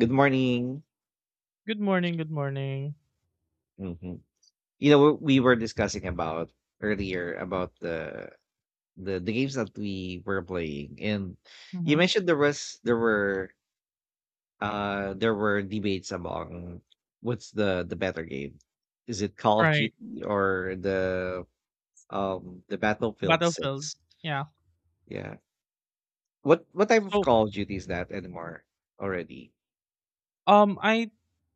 Good morning. Good morning, good morning. hmm You know, we were discussing about earlier about the games that we were playing, and you Mhm. mentioned there were there were debates among what's the better game. Is it Call of Right. Duty or the Battlefield Battlefield. Six? Yeah. Yeah. What type of So, Call of Duty is that anymore already? um I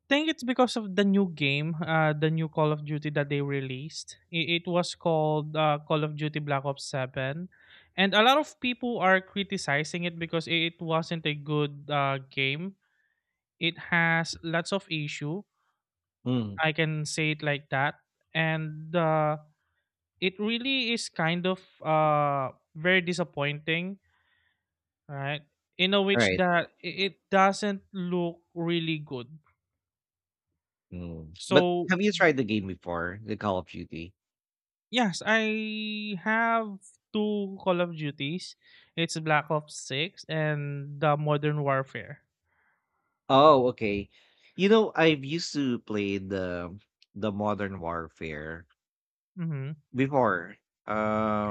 think it's because of the new game, the new Call of Duty that they released. It was called Call of Duty Black Ops 7. And a lot of people are criticizing it because it wasn't a good game. It has lots of issue. Mm. I can say it like that. And it really is kind of very disappointing, right? In a All which right. that it doesn't look really good. Mm. But So have you tried the game before, the Call of Duty? yes, I have two Call of Duties. It's Black Ops Six and the Modern Warfare. Oh, okay. You know, I've used to play the Modern Warfare Mm-hmm. before.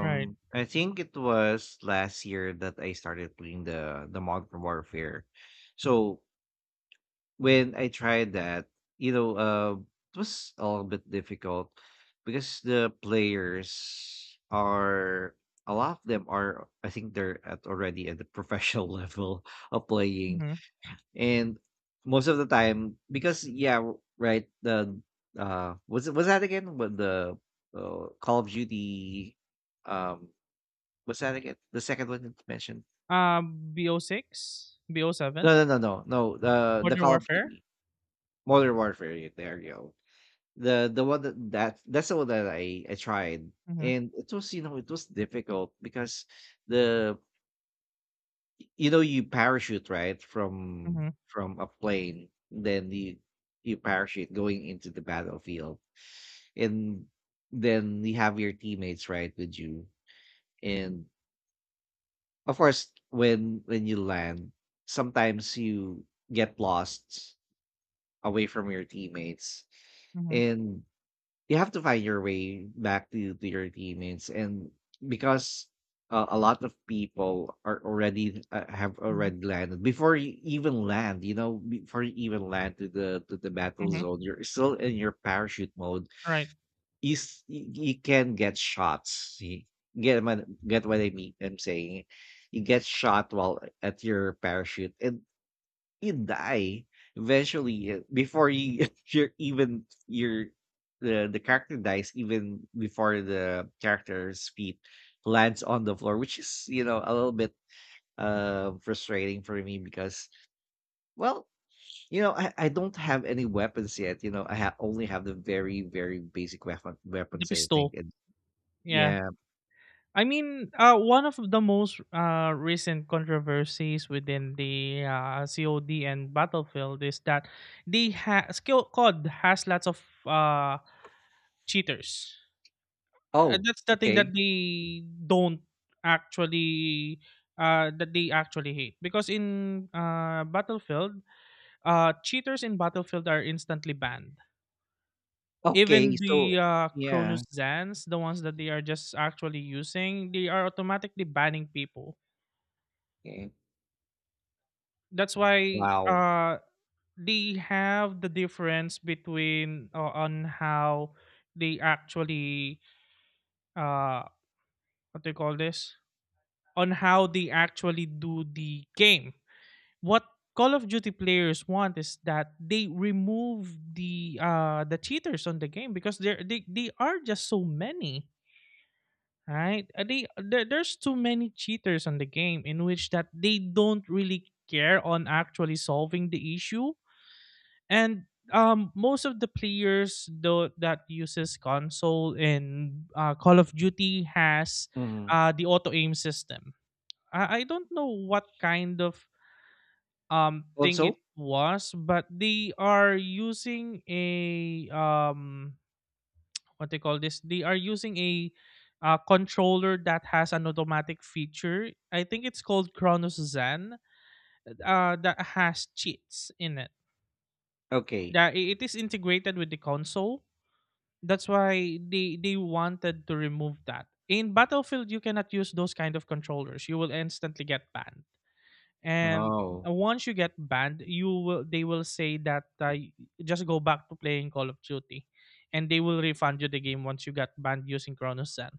Right. I think it was last year that I started playing the Modern Warfare. So when I tried that, you know, it was a little bit difficult because the players are a lot of them are I think they're at already at the professional level of playing, Mm-hmm. and most of the time, because yeah, right. The was it was that again? What the Call of Duty? Um, what's that again? The second one that you mentioned? BO six, BO seven, No, no, no, no, no. The Modern Call of Warfare. Duty Modern Warfare. Yeah, there you go. The one that, that's the one that I tried, Mm-hmm. and it was you know it was difficult because the you know you parachute right from Mm-hmm. from a plane, then you parachute going into the battlefield, and then you have your teammates right with you, and of course when you land sometimes you get lost away from your teammates, Mm-hmm. and you have to find your way back to your teammates, and because a lot of people are already have Mm-hmm. already landed before you even land, you know, before you even land to the battle Mm-hmm. zone, you're still in your parachute mode. Right. Is you can get shots. You get what, get what I mean? I'm saying you get shot while at your parachute, and you die eventually, before you you're even your the character dies even before the character's feet lands on the floor, which is, you know, a little bit frustrating for me because well, you know, I don't have any weapons yet, you know, only have the very very basic The weapons I think. pistol. And Yeah. yeah. I mean, one of the most recent controversies within the COD and Battlefield is that the skill COD has lots of cheaters. Oh, That's the thing okay. that they don't actually that they actually hate because in Battlefield, cheaters in Battlefield are instantly banned. Okay, Even the so Cronus yeah, Zans, the ones that they are just actually using, they are automatically banning people. okay. That's why Wow. They have the difference between on how they actually uh what they call this, on how they actually do the game. What Call of Duty players want is that they remove the cheaters on the game, because there they are just so many, right? They, there's too many cheaters on the game, in which that they don't really care on actually solving the issue. And most of the players though that uses console in Call of Duty has Mhm. The auto aim system. I don't know what kind of thing it Also? was, but they are using a what they call this, they are using a controller that has an automatic feature. I think it's called Chronos Zen, that has cheats in it, Okay. that it is integrated with the console. That's why they wanted to remove that. In Battlefield, you cannot use those kind of controllers. You will instantly get banned. And Oh. once you get banned, you will they will say that, just go back to playing Call of Duty, and they will refund you the game once you got banned using Chronos Zen.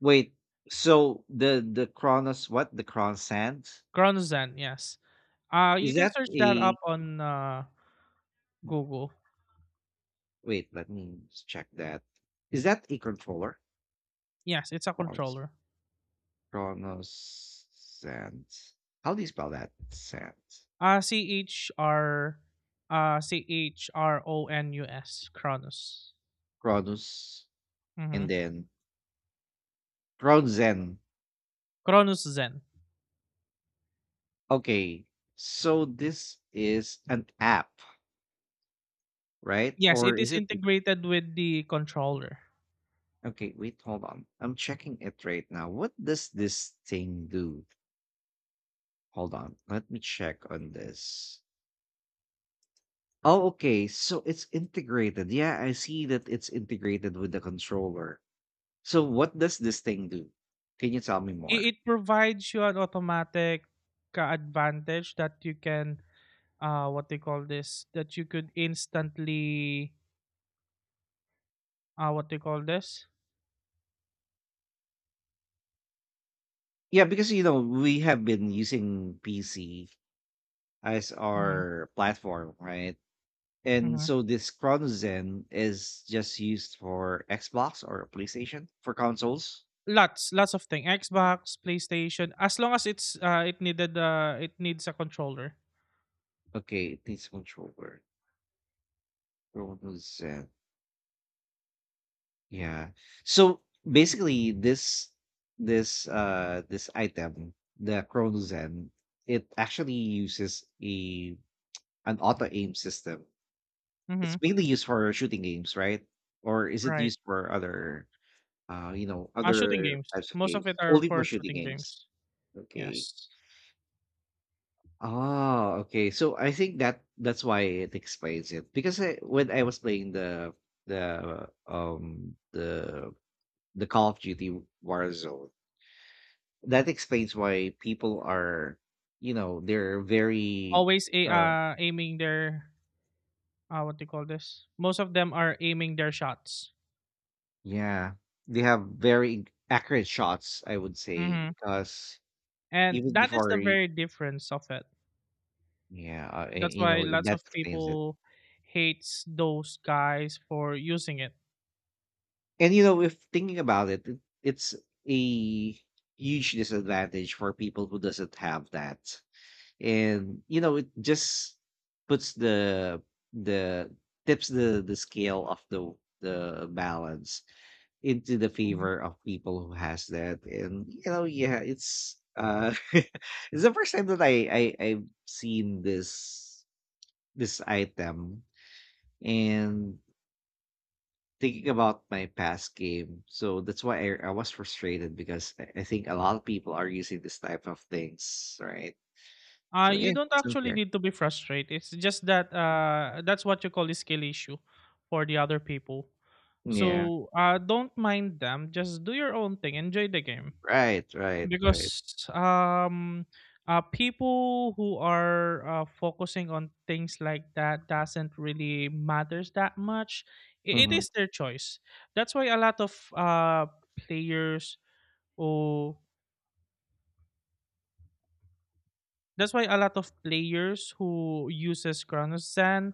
Wait, so the Kronos what? The Kronos Sands? Chronos Zen, yes. You Is can that search that a, up on Google. wait, check that. Is that a controller? Yes, it's a Kronos. controller. Kronos Sands. How do you spell that? Sands. C H R Chronus, Chronos. Kronos, Mm-hmm. and then Krozen. Kronos Zen. Okay. So this is an app, right? Yes, Or it is is it. integrated with the controller. Okay, wait, hold on. I'm checking it right now. What does this thing do? Hold on. Let me check on this. Oh, okay. So it's integrated. Yeah, I see that it's integrated with the controller. So what does this thing do? Can you tell me more? It provides you an automatic advantage that you can what they call this, that you could instantly what they call this. Yeah, because you know, we have been using PC as Mm-hmm. our platform, right? And Mm-hmm. so this Chronozen is just used for Xbox or PlayStation for consoles. Lots, lots of things. Xbox, PlayStation, as long as it's it needed it needs a controller. Okay, it needs a controller. Producent. Yeah. So basically this item, the Chronozen, it actually uses a an auto aim system. It's Mm-hmm. mainly used for shooting games, right? Or is it Right. used for other you know Shooting other games. types of Most of games? it are Only for for shooting shooting games. games. Okay. Yes. Oh, okay. So I think that that's why it explains it. Because I, when I was playing the um the the Call of Duty Warzone. That explains why people are, you know, they're very, Always a uh, aiming their what do you call this? Most of them are aiming their shots. yeah, they have very accurate shots, I would say, Hmm. because And even that is the before, very difference of it. yeah, That's you why know, lots that of explains it. people hates those guys for using it. And, you know, if thinking about it, it it's a huge disadvantage for people who doesn't have that. And you know it just puts the tips the scale of the balance into the Mhm. favor of people who has that, and you know, yeah, it's it's the first time that I I've seen this this item, and thinking about my past game. So that's why I was frustrated because I think a lot of people are using this type of things, right? So You yeah, don't it's actually unfair. need to be frustrated. It's just that that's what you call a skill issue for the other people. Yeah. So, don't mind them. Just do your own thing. Enjoy the game. Right, right, right. Because um people who are focusing on things like that doesn't really matters that much. It Mhm. is their choice. That's why a lot of players, or that's why a lot of players who uses Chronosan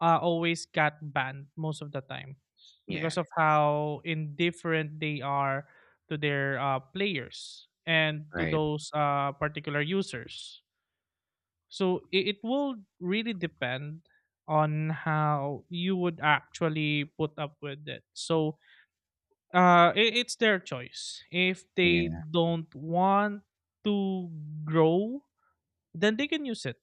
always got banned most of the time, Yeah, because of how indifferent they are to their players and to right. those particular users. So it will really depend on how you would actually put up with it. So, it's their choice. If they Yeah, don't want to grow, then they can use it.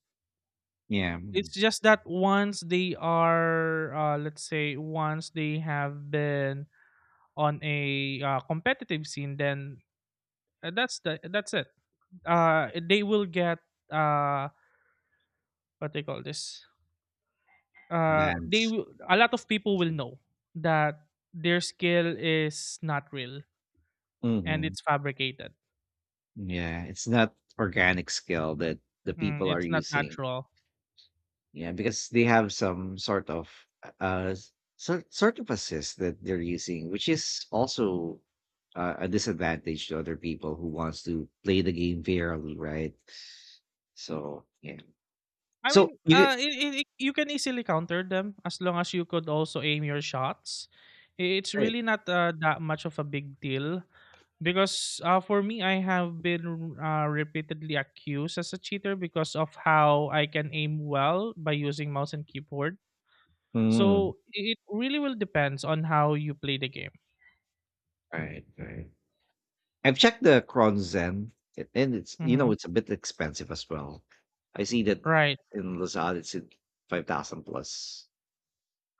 yeah, mm, It's just that once they are, let's say, once they have been on a competitive scene, then, that's it. They will get uh, what they call this, then. A lot of people will know that their skill is not real and Mhm. it's fabricated. Yeah, it's not organic skill that the people are It's not using. natural. Yeah, because they have some sort of, uh, uh, sort of assist that they're using, which is also, a disadvantage to other people who wants to play the game fairly, right? So, yeah. I So mean, you get you can easily counter them as long as you could also aim your shots. It's right. really not that much of a big deal, because for me, I have been repeatedly accused as a cheater because of how I can aim well by using mouse and keyboard. Mm. So it really will depends on how you play the game. Right, right. I've checked the Crown Zen, and it's you Mhm. know it's a bit expensive as well. I see that Right. in Lazada it's at 5,000 plus.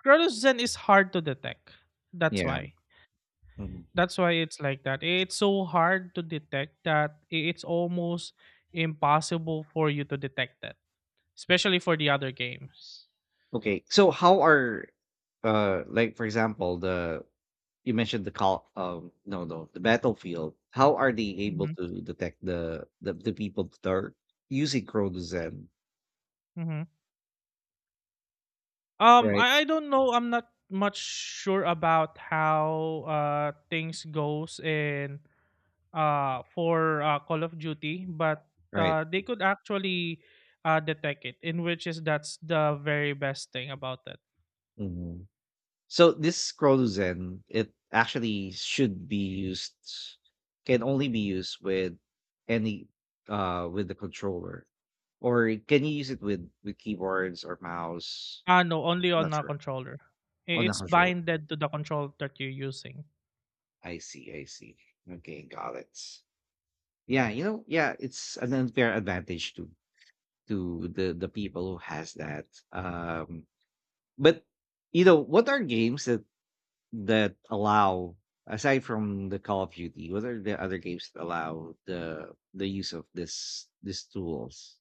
Crotozan is hard to detect. That's Yeah. why. Mhm. That's why it's like that. It's so hard to detect, it's almost impossible for you to detect that, especially for the other games. Okay. So how are like for example the you mentioned the call no no the battlefield. How are they able Hmm. to detect the the people that are using Crown Zen? Hmm. Right. I don't know. I'm not much sure about how things goes in for Call of Duty, but Right. They could actually detect it, in which is that's the very best thing about it. Mhm. So this Scrolusen, it actually should be used can only be used with any with the controller. Or can you use it with keyboards or mouse? Ah, no, only I'm on not a sure. controller. On the It's controller. binded to the controller that you're using. I see, I see. Okay, got it. Yeah, you know, yeah, it's an unfair advantage to the people who has that. Um but you know, what are games that allow, aside from the Call of Duty, what are the other games that allow the use of this these tools?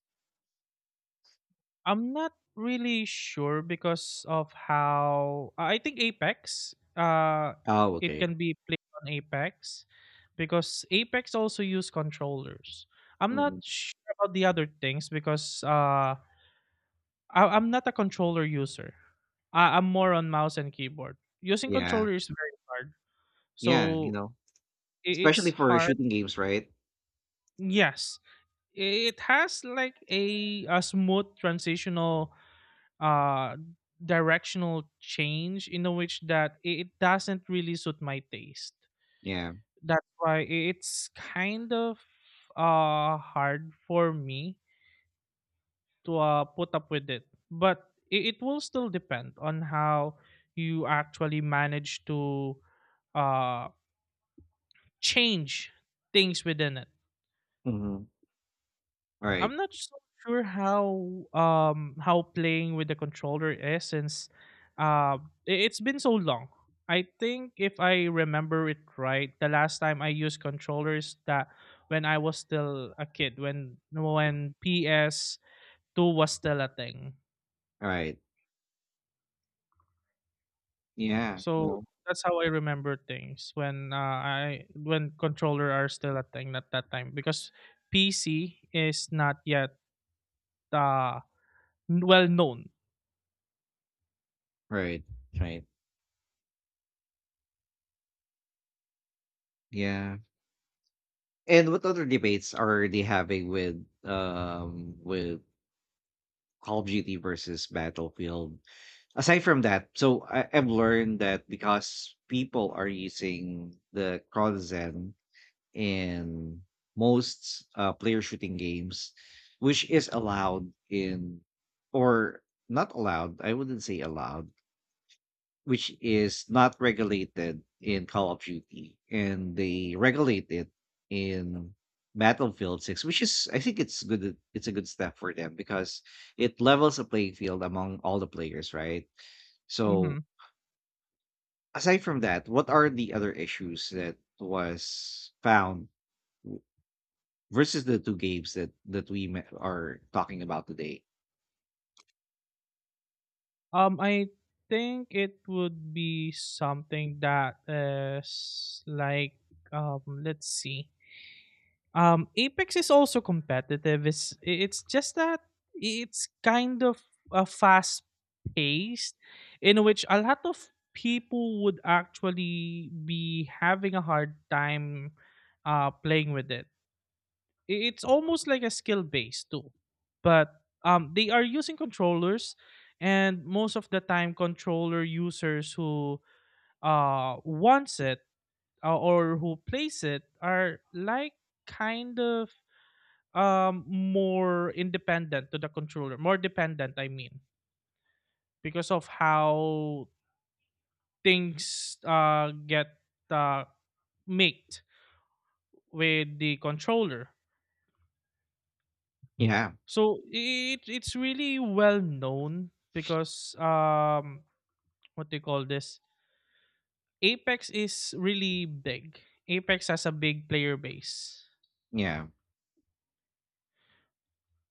I'm not really sure because of how I think Apex. Oh, It okay. can be played on Apex because Apex also use controllers. I'm not Hmm. sure about the other things because I'm not a controller user. I'm more on mouse and keyboard. Using Yeah, controller is very hard, yeah, you so know, it's especially for hard. shooting games, right? Yes, it has like a smooth transitional uh directional change, in a which that it doesn't really suit my taste. Yeah. That's why it's kind of hard for me to put up with it, but it will still depend on how you actually manage to uh change things within it. Mm-hmm. I'm Right. not so sure how playing with the controller is, since it's been so long. I think if I remember it right, the last time I used controllers that when I was still a kid, when PS2 was still a thing. Right. Yeah. So No. that's how I remember things when, I when controller are still a thing at that time, because PC is not yet uh well known. Right. Right. Yeah. And what other debates are they having with Call of Duty versus Battlefield? Aside from that, so I've learned that because people are using the Crozen in most player shooting games, which is allowed in, or not allowed, I wouldn't say allowed, which is not regulated in Call of Duty, and they regulate it in Battlefield 6, which is I think it's good, it's a good step for them because it levels the playing field among all the players, right? So Mhm. aside from that, what are the other issues that was found versus the two games that are talking about today? I think it would be something that is like, let's see. Apex is also competitive. It's just that it's kind of a fast paced, in which a lot of people would actually be having a hard time playing with it. It's almost like a skill base too, but they are using controllers, and most of the time controller users who wants it, or who plays it are like kind of more independent to the controller, more dependent I mean, because of how things get uh made with the controller. Yeah, So it's really well known because, what they call this, Apex is really big. Apex has a big player base. yeah,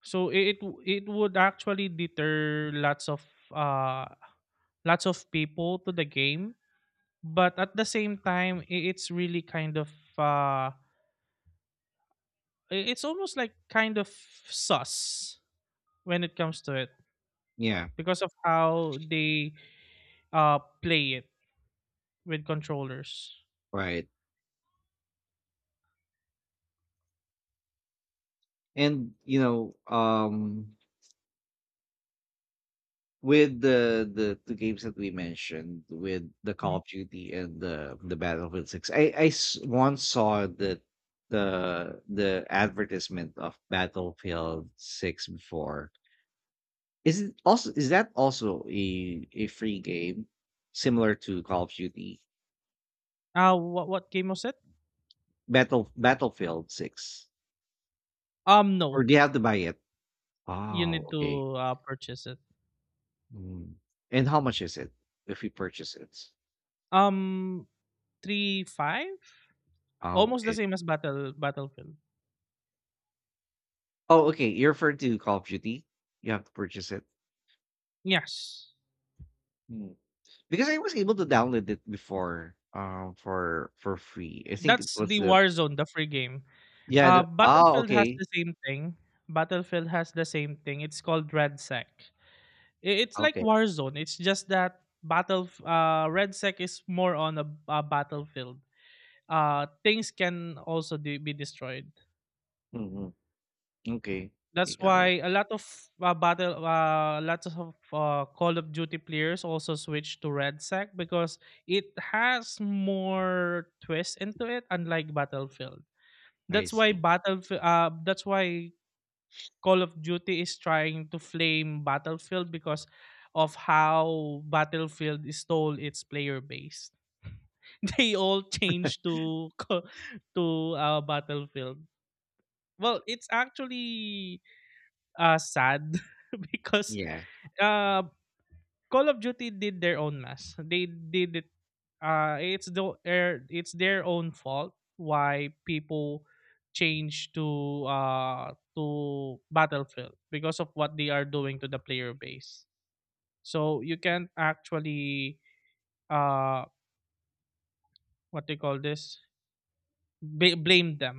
So it would actually deter uh lots of people to the game, but at the same time it's really kind of uh it's almost like kind of sus when it comes to it, yeah, because of how they uh play it with controllers. right. And you know, with the two games that we mentioned, with the Call of Duty and the Battlefield Six, once saw that the advertisement of Battlefield Six before. Is it also, is that also a free game similar to Call of Duty? Ah, what game was it? Battle Battlefield 6? No. Or do you have to buy it? You Oh, need okay. to purchase it. Mm. And how much is it if you purchase it? Um, three five, Oh, almost the okay. same as Battlefield. Oh, okay, you referred to Call of Duty? You have to purchase it? Yes, Mm. Because I was able to download it before, for free. I think it that's was the the Warzone, the free game. yeah, the oh, Battlefield has okay. the same thing. Battlefield has the same thing. It's called RedSec. It's like Okay. Warzone. It's just that Battle RedSec is more on a battlefield. Things can also be destroyed. Mhm. Okay. That's You got it. why a lot of battle, lots of Call of Duty players also switch to Red Sec, because it has more twist into it, unlike Battlefield. I see. That's why Call of Duty is trying to flame Battlefield, because of how Battlefield stole its player base. They all changed to co- to Battlefield. Well, it's actually sad because Yeah. uh Call of Duty did their own mess. They did it. It's their own fault why people change to Battlefield, because of what they are doing to the player base. So you can't actually uh what they call this, blame them.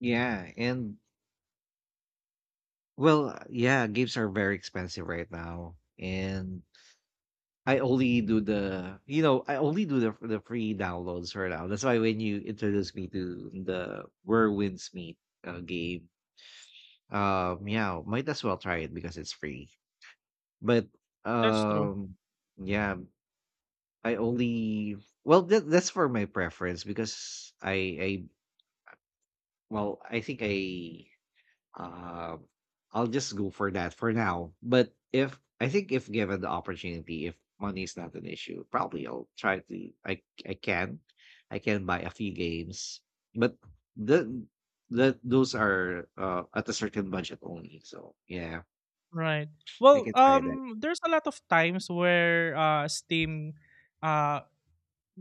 Yeah, and well, yeah, games are very expensive right now, and I only do the you know I only do the free downloads for now. That's why when you introduced me to the Whirlwind's Meet game, yeah, might as well try it because it's free. But That's true. um, yeah, I only well that, that's for my preference because I well I think I Uh, I'll just go for that for now. But if I think if given the opportunity, if money is not an issue, probably I'll try to. I can buy a few games, but the the those are at a certain budget only. So yeah, Right. I Well, can try that. There's a lot of times where Steam uh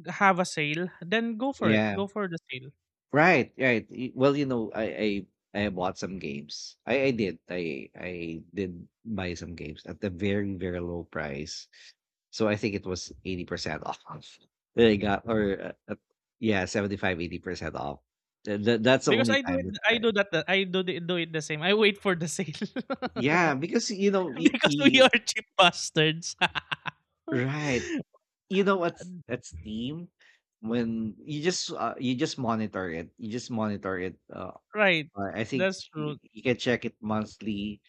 have a sale, then go for it. Yeah, Go for the sale. right, right. Well, you know, I bought some games. I did. Buy some games at a very very low price. So I think it was 80% off. They got or, yeah, 75, 80% off. That's the Because only I do time it that I do I that I do the do it the same. I wait for the sale. yeah, because, you know, y Because we are y cheap bastards. right. You know what's at Steam, when you just, you just monitor it, Right. I think That's true. you can check it monthly.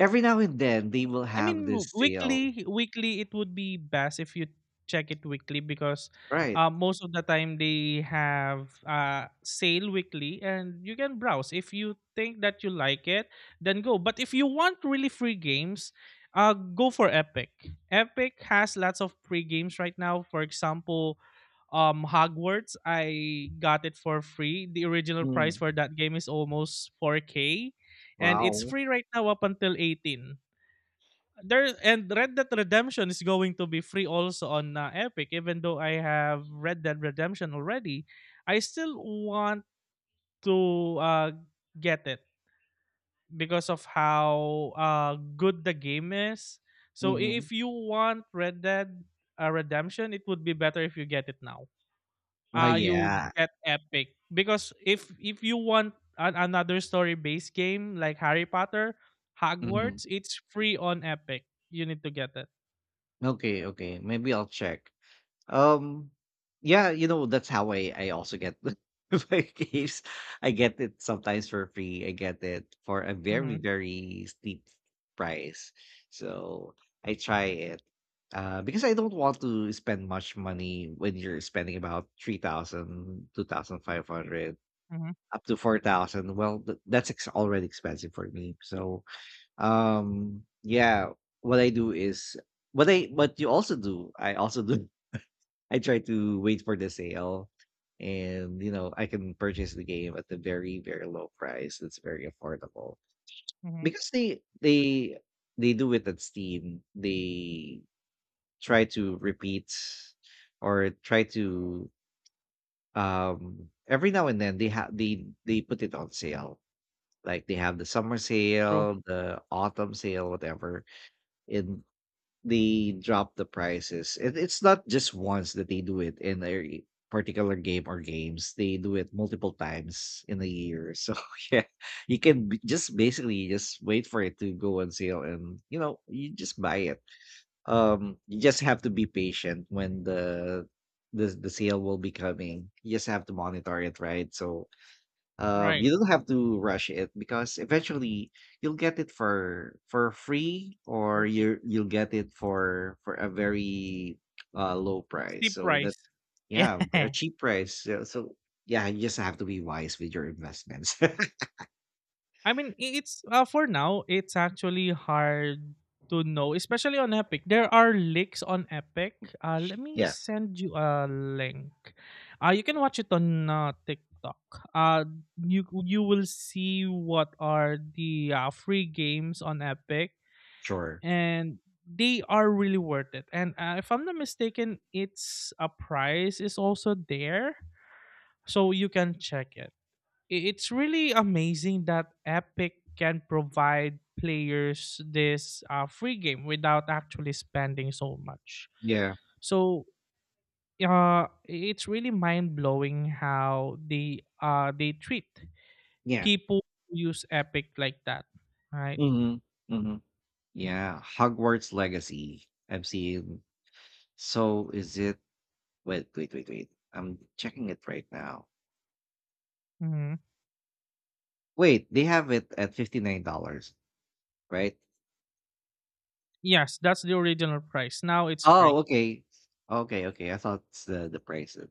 Every now and then, they will I have mean this w- sale. weekly weekly it would be best if you check it weekly because Right. Most of the time they have sale weekly, and you can browse. If you think that you like it, then go. But if you want really free games, go for Epic. Epic has lots of free games right now. For example, Hogwarts, I got it for free. The original price Mm. for that game is almost 4k, and it's Wow. free right now up until 18 there. And Red Dead Redemption is going to be free also on Epic. Even though I have Red Dead Redemption already, I still want to get it because of how good the game is. So Mhm. if you want Red Dead Redemption, it would be better if you get it now. Oh, You yeah. get Epic because if you want another story based game like Harry Potter, Mhm. Hogwarts, it's free on Epic. You need to get it. Okay, okay. Maybe I'll check. Um, yeah, you know, that's how I also get my games. I get it sometimes for free. I get it for a very, Mm-hmm, very steep price. So I try it. Because I don't want to spend much money when you're spending about 3,000, 2,500 mm-hmm, up to 4,000. Well, that's already expensive for me. So, um, yeah, what I do is what I, what you also do, I also do I try to wait for the sale, and you know, I can purchase the game at a very, very low price. It's very affordable. mm-hmm. Because they do it at Steam. They try to repeat or try to Every now and then they have they put it on sale. Like they have the summer True. sale, the autumn sale, whatever. In They drop the prices. It's not just once that they do it in a particular game or games. They do it multiple times in a year. So yeah, you can just basically just wait for it to go on sale, and you know you just buy it. You just have to be patient when the sale will be coming. You just have to monitor it, right? So Right. you don't have to rush it, because eventually you'll get it for free, or Perfect. You'll get it for a very low price. Steep So that's price. Yeah. yeah, a cheap price. So yeah, you just have to be wise with your investments. I mean, it's for now. It's actually hard to know, especially on Epic. There are leaks on Epic. Let me Yeah, send you a link. You can watch it on TikTok. Uh, you you will see what are the free games on Epic, sure. and they are really worth it. And if I'm not mistaken, its a price is also there, so you can check it. It's really amazing that Epic can provide players this free game without actually spending so much. Yeah, So it's really mind blowing how they treat yeah. people who use Epic like that, right? Hmm. Hmm. Yeah, Hogwarts Legacy. I've seen. So is it? Wait. I'm checking it right now. Hmm. Wait, they have it at $59, right? Yes, that's the original price. Now it's Oh, free. okay. Okay, okay. I thought it's the price of,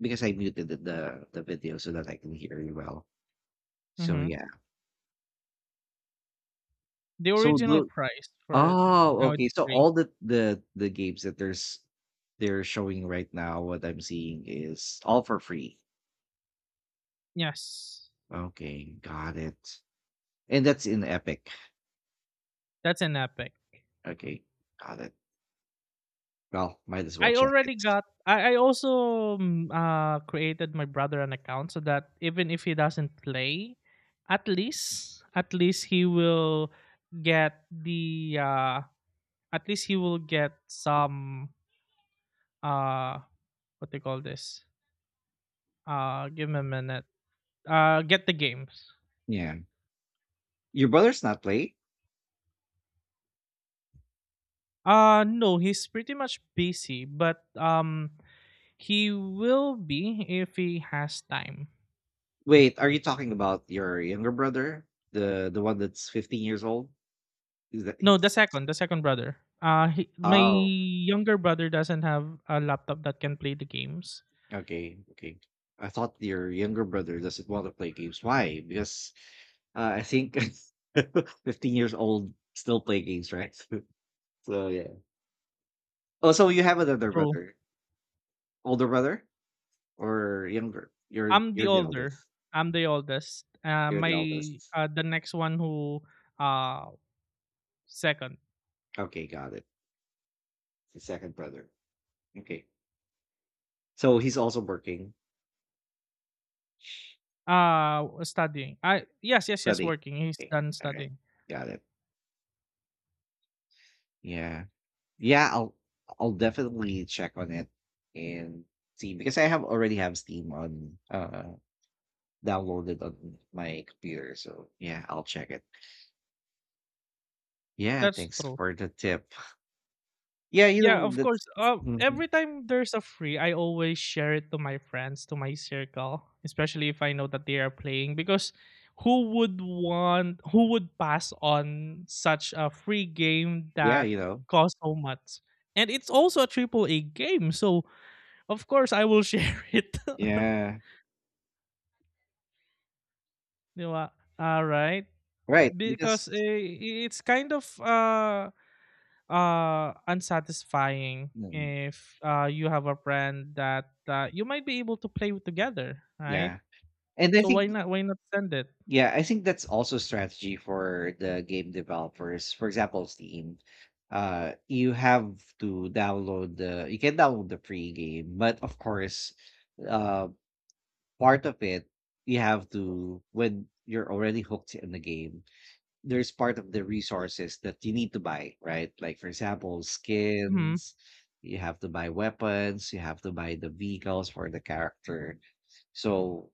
because I muted the video so that I can hear you well. So Hmm. yeah. The So original the price for it, Oh, now okay. it's So free. all the games that there's they're showing right now, what I'm seeing is all for free. Yes, Okay, got it. And that's in Epic. that's an Epic. Okay, got it. Well, might as well I check already it. got. I also created my brother an account so that even if he doesn't play, at least he will get the at least he will get some uh what do you call this, give him a minute, get the games. Yeah. Your brother's not play? No, he's pretty much busy, but he will be if he has time. Wait, are you talking about your younger brother? The one that's 15 years old? Is that No, he's the second brother. He, my Oh, younger brother doesn't have a laptop that can play the games. okay, okay. I thought your younger brother doesn't want to play games. Why? Because I think 15 years old still play games, right? So yeah. Oh, so you have another True. brother, older brother or younger? I'm the You're the older. eldest. I'm the oldest. You're the My eldest. The next one who uh second, Okay, got it. The second brother. Okay. So he's also working, studying. I yes yes yes studying. working. He's Okay. done All right. studying. Got it. Yeah. Yeah, I'll I'll definitely check on it and see, because I have already have Steam on downloaded on my computer. So yeah, I'll check it. Yeah, That's thanks true. for the tip. Yeah, you Yeah, know of that's course. Mhm. Every time there's a free, I always share it to my friends, to my circle, especially if I know that they are playing. Because who would want, who would pass on such a free game yeah, that you know. costs so much? And it's also a triple A game, so of course I will share it. Yeah. Di ba? All right, Right. Because because eh, it's kind of unsatisfying mm, if you have a friend that you might be able to play with together, right? yeah. And I So why think not, why not send it? Yeah, I think that's also strategy for the game developers. For example, Steam. You have to download the free game, but of course, uh, part of it, you have to, when you're already hooked in the game, there's part of the resources that you need to buy, right? Like for example, Hmm. skins, you have to buy weapons, you have to buy the vehicles for the character. So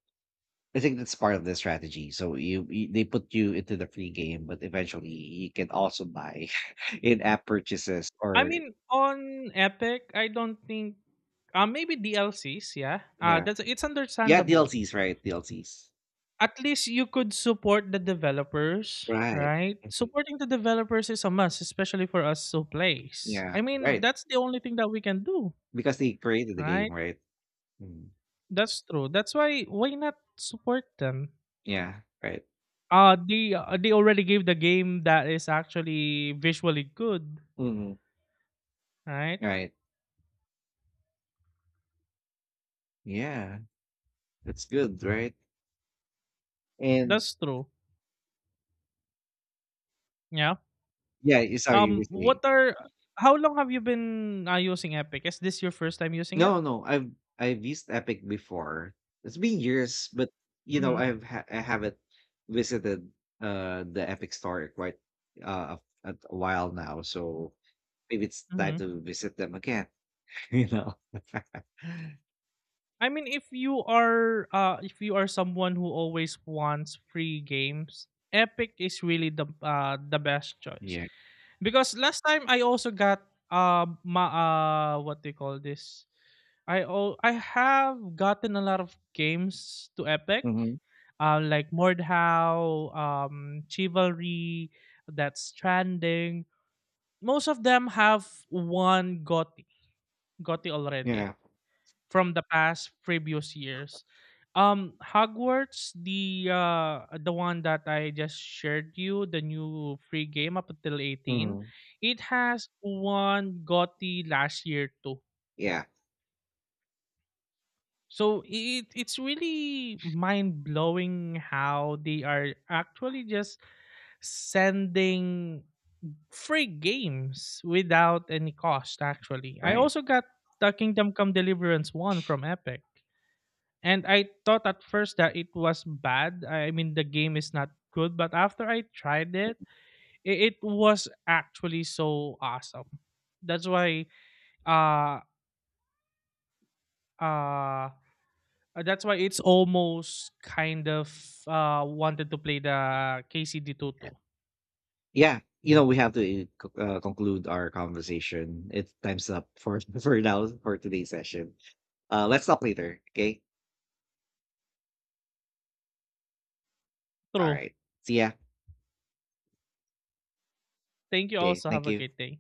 I think that's part of the strategy. So you, they put you into the free game, but eventually you can also buy in app purchases. I Or mean, on Epic I don't think maybe DLCs, yeah, yeah that's, it's yeah, understandable. Dlcs, right? dlcs At least you could support the developers, right. right? Mhm. Supporting the developers is a must, especially for us who plays. Yeah, I mean, right. that's the only thing that we can do, Because they created the game, right? right? Mm. That's true. That's why not support them? Yeah, right. Uh, they already gave the game that is actually visually good, Mm. right? Right. Yeah, that's good, right? And That's true. Yeah. yeah, you, sorry, you were Um, what saying. are how long have you been using Epic? Is this your first time using it? No, No, I've used Epic before. It's been years, but you know, Mhm. I haven't visited the Epic Store in quite uh a, a while now, so maybe it's time Mhm. to visit them again, you know. I mean, if you are someone who always wants free games, Epic is really the best choice. Yeah. Because last time I also got ma what they call this? I have gotten a lot of games to Epic, Hmm. Like Mordhau, Chivalry, that's Stranding. Most of them have won GOTY already Yeah. from the past previous years. Hogwarts, the one that I just shared you, the new free game up until 18, Hmm. it has won GOTY last year too. Yeah, So it's really mind blowing how they are actually just sending free games without any cost. Actually, I right. also got the Kingdom Come Deliverance one from Epic. And I thought at first that it was bad. I mean, the game is not good, but after I tried it, it was actually so awesome. That's why, uh, uh, that's why it's almost kind of wanted to play the KCD Tutu. Yeah, you know, we have to conclude our conversation. It's time's up for for now, for today's session. Let's talk later, okay? All True. right. See ya. Thank you. Okay, Also, have thank a you. great day.